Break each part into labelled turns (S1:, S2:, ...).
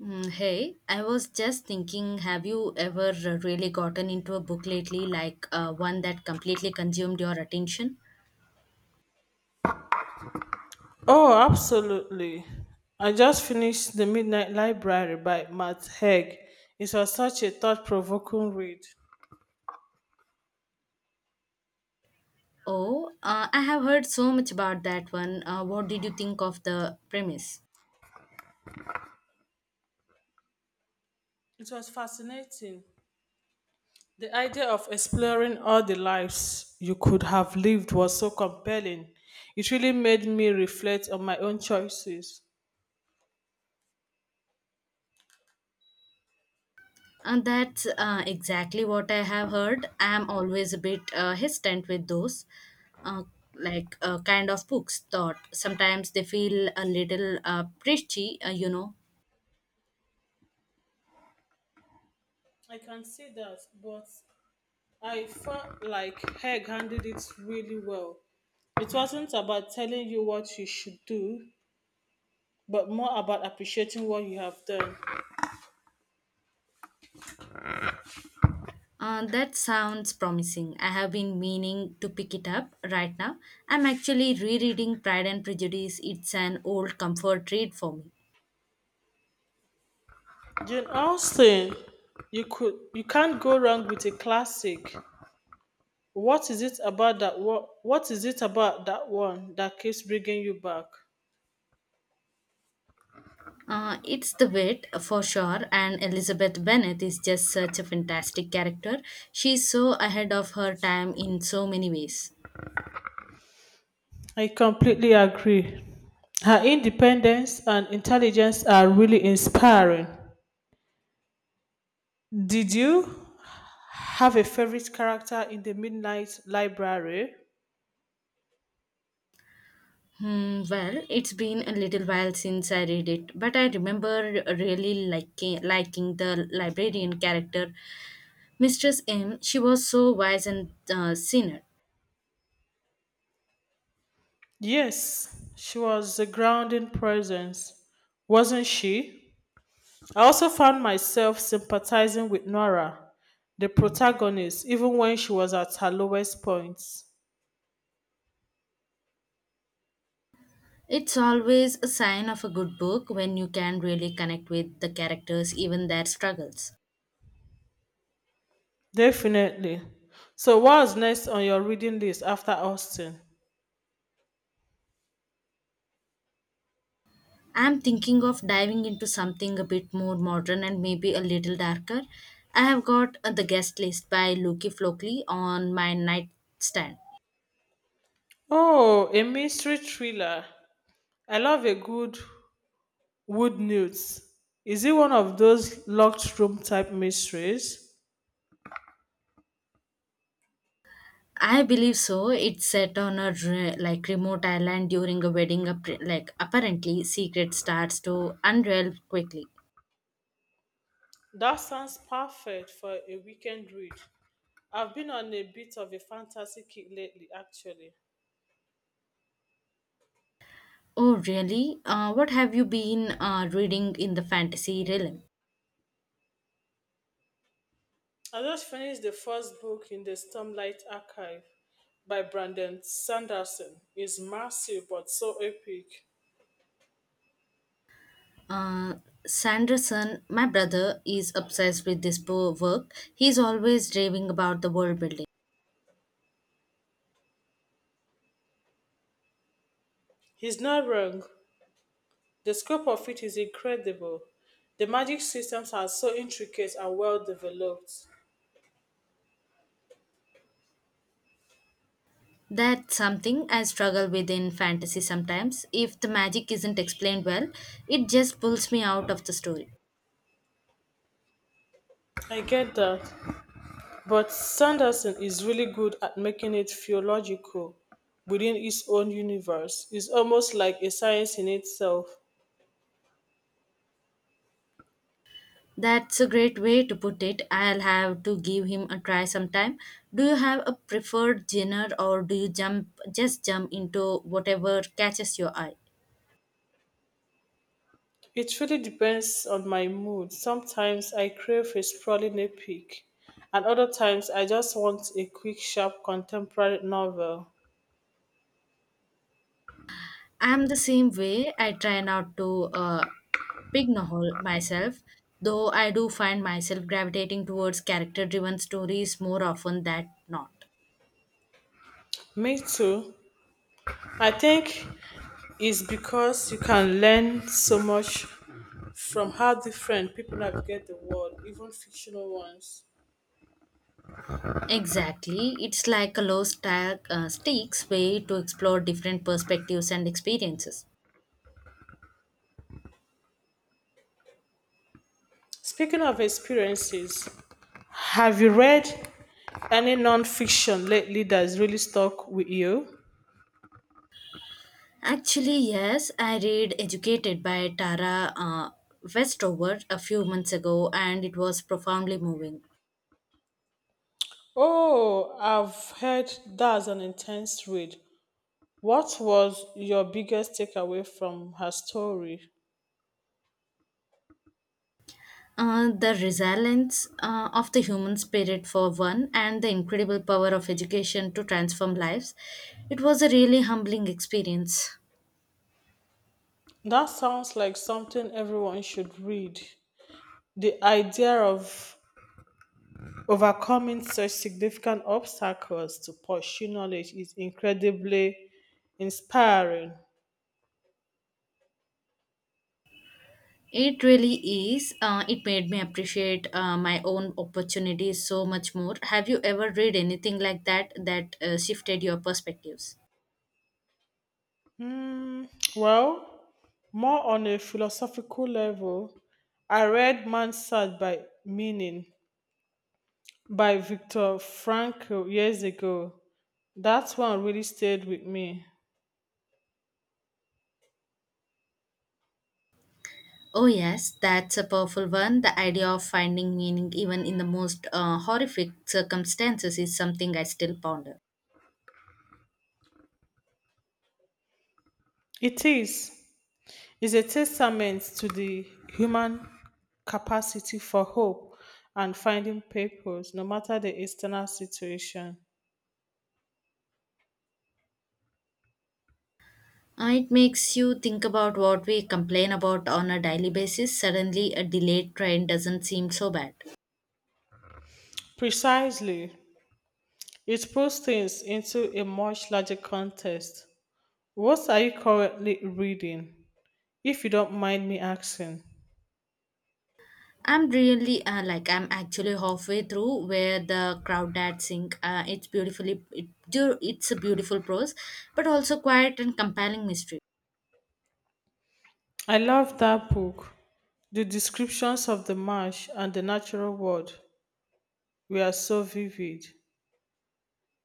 S1: Hey, I was just thinking, have you ever really gotten into a book lately, like one that completely consumed your attention?
S2: Oh, absolutely. I just finished The Midnight Library by Matt Haig. It was such a thought provoking read.
S1: Oh, I have heard so much about that one. What did you think of the premise?
S2: It was fascinating. The idea of exploring all the lives you could have lived was so compelling. It really made me reflect on my own choices.
S1: And that's exactly what I have heard. I'm always a bit hesitant with those uh, like kind of books. Thought sometimes they feel a little preachy,
S2: I can see that, but I felt like Haig handled it really well. It wasn't about telling you what you should do, but more about appreciating what you have done.
S1: That sounds promising. I have been meaning to pick it up right now. I'm actually rereading Pride and Prejudice. It's an old comfort read for me.
S2: Jane Austen, you can't go wrong with a classic. What is it about that one? What is it about that one that keeps bringing you back?
S1: It's the wit for sure, and Elizabeth Bennet is just such a fantastic character. She's so ahead of her time in so many ways.
S2: I completely agree. Her independence and intelligence are really inspiring. Did you have a favorite character in the Midnight Library?
S1: Well, it's been a little while since I read it, but I remember really liking the librarian character Mistress M. She was so wise and sinner.
S2: Yes, she was a grounding presence, wasn't she? I also found myself sympathizing with Nora, the protagonist, even when she was at her lowest point.
S1: It's always a sign of a good book when you can really connect with the characters, even their struggles.
S2: Definitely. So, what's next on your reading list after Austin?
S1: I'm thinking of diving into something a bit more modern and maybe a little darker. I have got The Guest List by Luki Flockley on my nightstand.
S2: Oh, a mystery thriller. I love a good wood newt. Is it one of those locked room type mysteries?
S1: I believe so. It's set on a like remote island during a wedding. Like apparently, secret starts to unravel quickly.
S2: That sounds perfect for a weekend read. I've been on a bit of a fantasy kick lately, actually.
S1: Oh, really? What have you been reading in the fantasy realm?
S2: I just finished the first book in the Stormlight Archive by Brandon Sanderson. It's massive but so epic.
S1: Uh, Sanderson, my brother, is obsessed with this work. He's always raving about the world building.
S2: He's not wrong. The scope of it is incredible. The magic systems are so intricate and well developed.
S1: That's something I struggle with in fantasy sometimes. If the magic isn't explained well, it just pulls me out of the story.
S2: I get that, but Sanderson is really good at making it feel logical within his own universe. It's almost like a science in itself.
S1: That's a great way to put it. I'll have to give him a try sometime. Do you have a preferred genre or do you jump just jump into whatever catches your eye?
S2: It really depends on my mood. Sometimes I crave a sprawling epic, and other times I just want a quick, sharp contemporary novel.
S1: I'm the same way. I try not to pigeonhole myself, though I do find myself gravitating towards character driven stories more often than not.
S2: Me too. I think it's because you can learn so much from how different people navigate the world, even fictional ones.
S1: Exactly. It's like a low stakes way to explore different perspectives and experiences.
S2: Speaking of experiences, have you read any non-fiction lately that's really stuck with you?
S1: Actually, yes, I read Educated by Tara Westover a few months ago and it was profoundly moving.
S2: Oh, I've heard that's an intense read. What was your biggest takeaway from her story?
S1: The resilience of the human spirit for one, and the incredible power of education to transform lives. It was a really humbling experience.
S2: That sounds like something everyone should read. The idea of overcoming such significant obstacles to pursue knowledge is incredibly inspiring.
S1: It really is. It made me appreciate my own opportunities so much more. Have you ever read anything like that that shifted your perspectives?
S2: Hmm, well, more on a philosophical level, I read Man's Search by Meaning by Viktor Frankl years ago. That one really stayed with me.
S1: Oh, yes, that's a powerful one. The idea of finding meaning even in the most horrific circumstances is something I still ponder.
S2: It is. Is a testament to the human capacity for hope and finding purpose, no matter the external situation.
S1: It makes you think about what we complain about on a daily basis. Suddenly, a delayed train doesn't seem so bad.
S2: Precisely, it puts things into a much larger context. What are you currently reading? If you don't mind me asking,
S1: I'm really I'm actually halfway through where the crowd that sing. It's it's a beautiful prose, but also quiet and compelling mystery.
S2: I love that book. The descriptions of the marsh and the natural world were so vivid.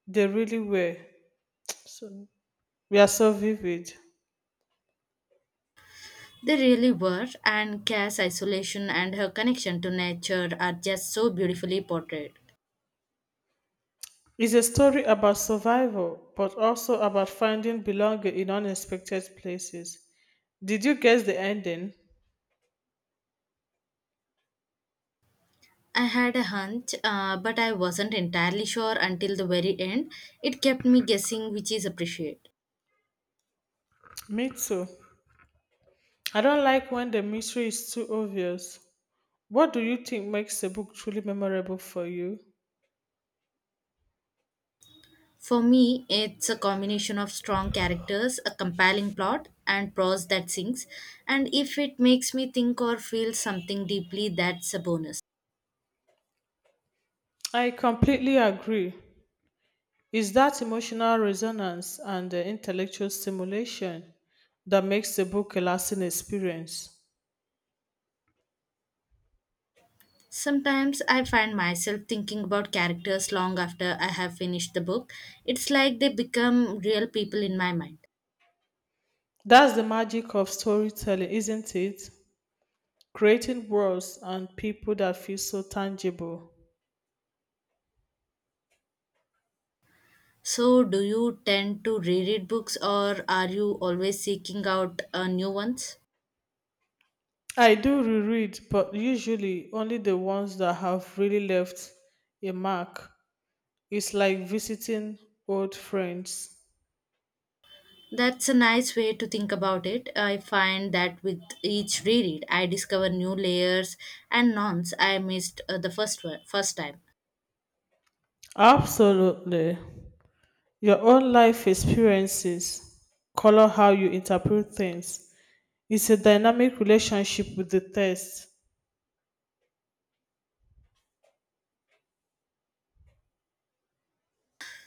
S2: They really were. So, we are so vivid.
S1: They really were, and Cass' isolation and her connection to nature are just so beautifully portrayed.
S2: It's a story about survival, but also about finding belonging in unexpected places. Did you guess the ending?
S1: I had a hunch, but I wasn't entirely sure until the very end. It kept me guessing, which is appreciated.
S2: Me too. I don't like when the mystery is too obvious. What do you think makes a book truly memorable for you?
S1: For me, it's a combination of strong characters, a compelling plot, and prose that sinks. And if it makes me think or feel something deeply, that's a bonus.
S2: I completely agree. It's that emotional resonance and the intellectual stimulation that makes the book a lasting experience.
S1: Sometimes I find myself thinking about characters long after I have finished the book. It's like they become real people in my mind.
S2: That's the magic of storytelling, isn't it? Creating worlds and people that feel so tangible.
S1: So, do you tend to reread books or are you always seeking out new ones?
S2: I do reread, but usually only the ones that have really left a mark. It's like visiting old friends.
S1: That's a nice way to think about it. I find that with each reread, I discover new layers and nonce I missed first time.
S2: Absolutely. Your own life experiences color how you interpret things. It's a dynamic relationship with the text.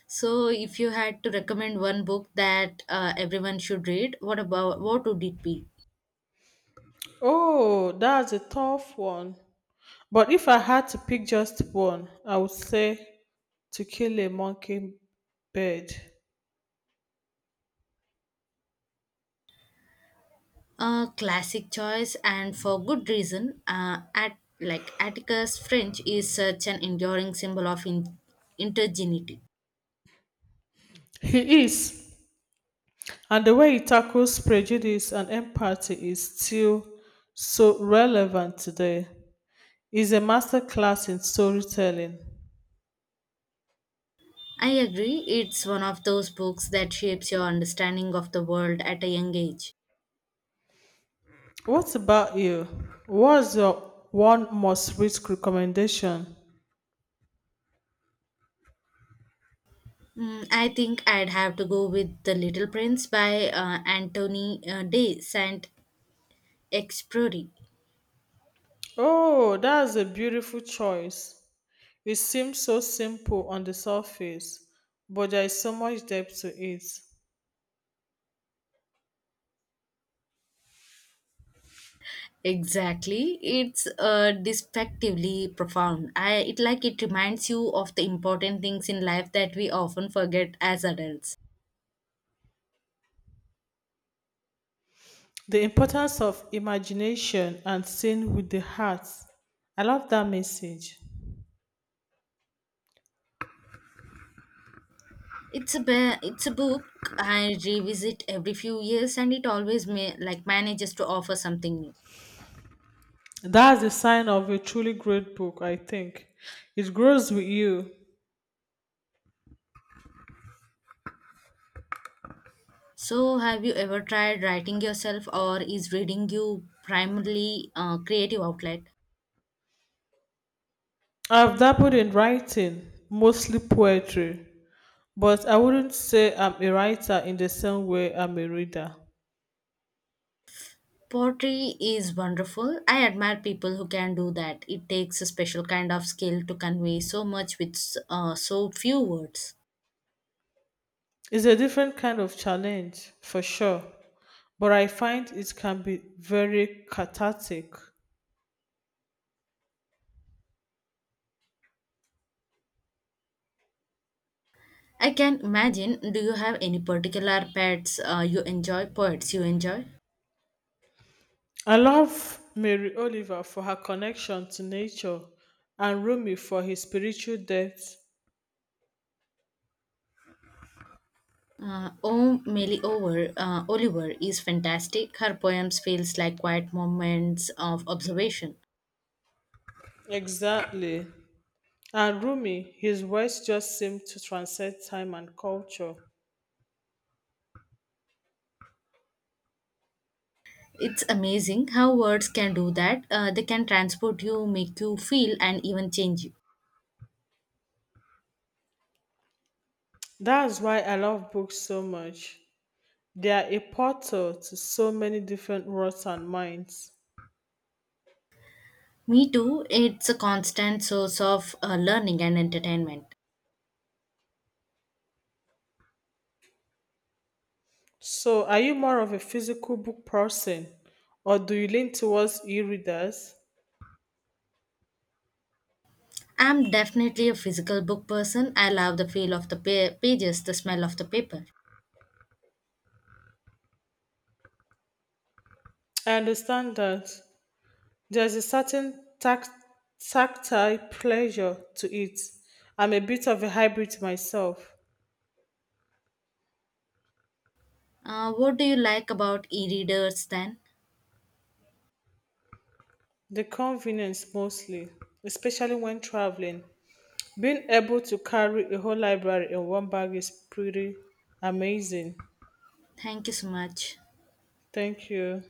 S1: So, if you had to recommend one book that everyone should read, what would it be?
S2: Oh, that's a tough one. But if I had to pick just one, I would say to kill a mockingbird.
S1: A classic choice, and for good reason. At like Atticus French is such an enduring symbol of intergenity.
S2: He is, and the way he tackles prejudice and empathy is still so relevant today. He's a masterclass in storytelling.
S1: I agree. It's one of those books that shapes your understanding of the world at a young age.
S2: What about you? What's your one must read recommendation?
S1: I think I'd have to go with The Little Prince by Anthony de Saint-Exupéry.
S2: Oh, that's a beautiful choice. It seems so simple on the surface, but there is so much depth to it.
S1: Exactly. It's despectively profound. I it like it reminds you of the important things in life that we often forget as adults.
S2: The importance of imagination and seeing with the heart. I love that message.
S1: It's a it's a book I revisit every few years and it always may, like manages to offer something new.
S2: That's the sign of a truly great book, I think. It grows with you.
S1: So have you ever tried writing yourself or is reading you primarily creative outlet?
S2: I've dabbled in writing, mostly poetry, but I wouldn't say I'm a writer in the same way I'm a reader.
S1: Pottery is wonderful. I admire people who can do that. It takes a special kind of skill to convey so much with so few words.
S2: It's a different kind of challenge, for sure, but I find it can be very cathartic.
S1: I can imagine. Do you have any particular pets you enjoy? Poets you enjoy?
S2: I love Mary Oliver for her connection to nature and Rumi for his spiritual depth.
S1: Oliver is fantastic. Her poems feels like quiet moments of observation.
S2: Exactly. And Rumi, his words just seem to transcend time and culture.
S1: It's amazing how words can do that. They can transport you, make you feel, and even change you.
S2: That's why I love books so much. They are a portal to so many different worlds and minds.
S1: Me too, it's a constant source of learning and entertainment.
S2: So, are you more of a physical book person or do you lean towards e readers?
S1: I'm definitely a physical book person. I love the feel of the pages, the smell of the paper.
S2: I understand that. There's a certain tactile pleasure to it. I'm a bit of a hybrid myself.
S1: What do you like about e readers then?
S2: The convenience mostly, especially when traveling. Being able to carry a whole library in one bag is pretty amazing.
S1: Thank you so much.
S2: Thank you.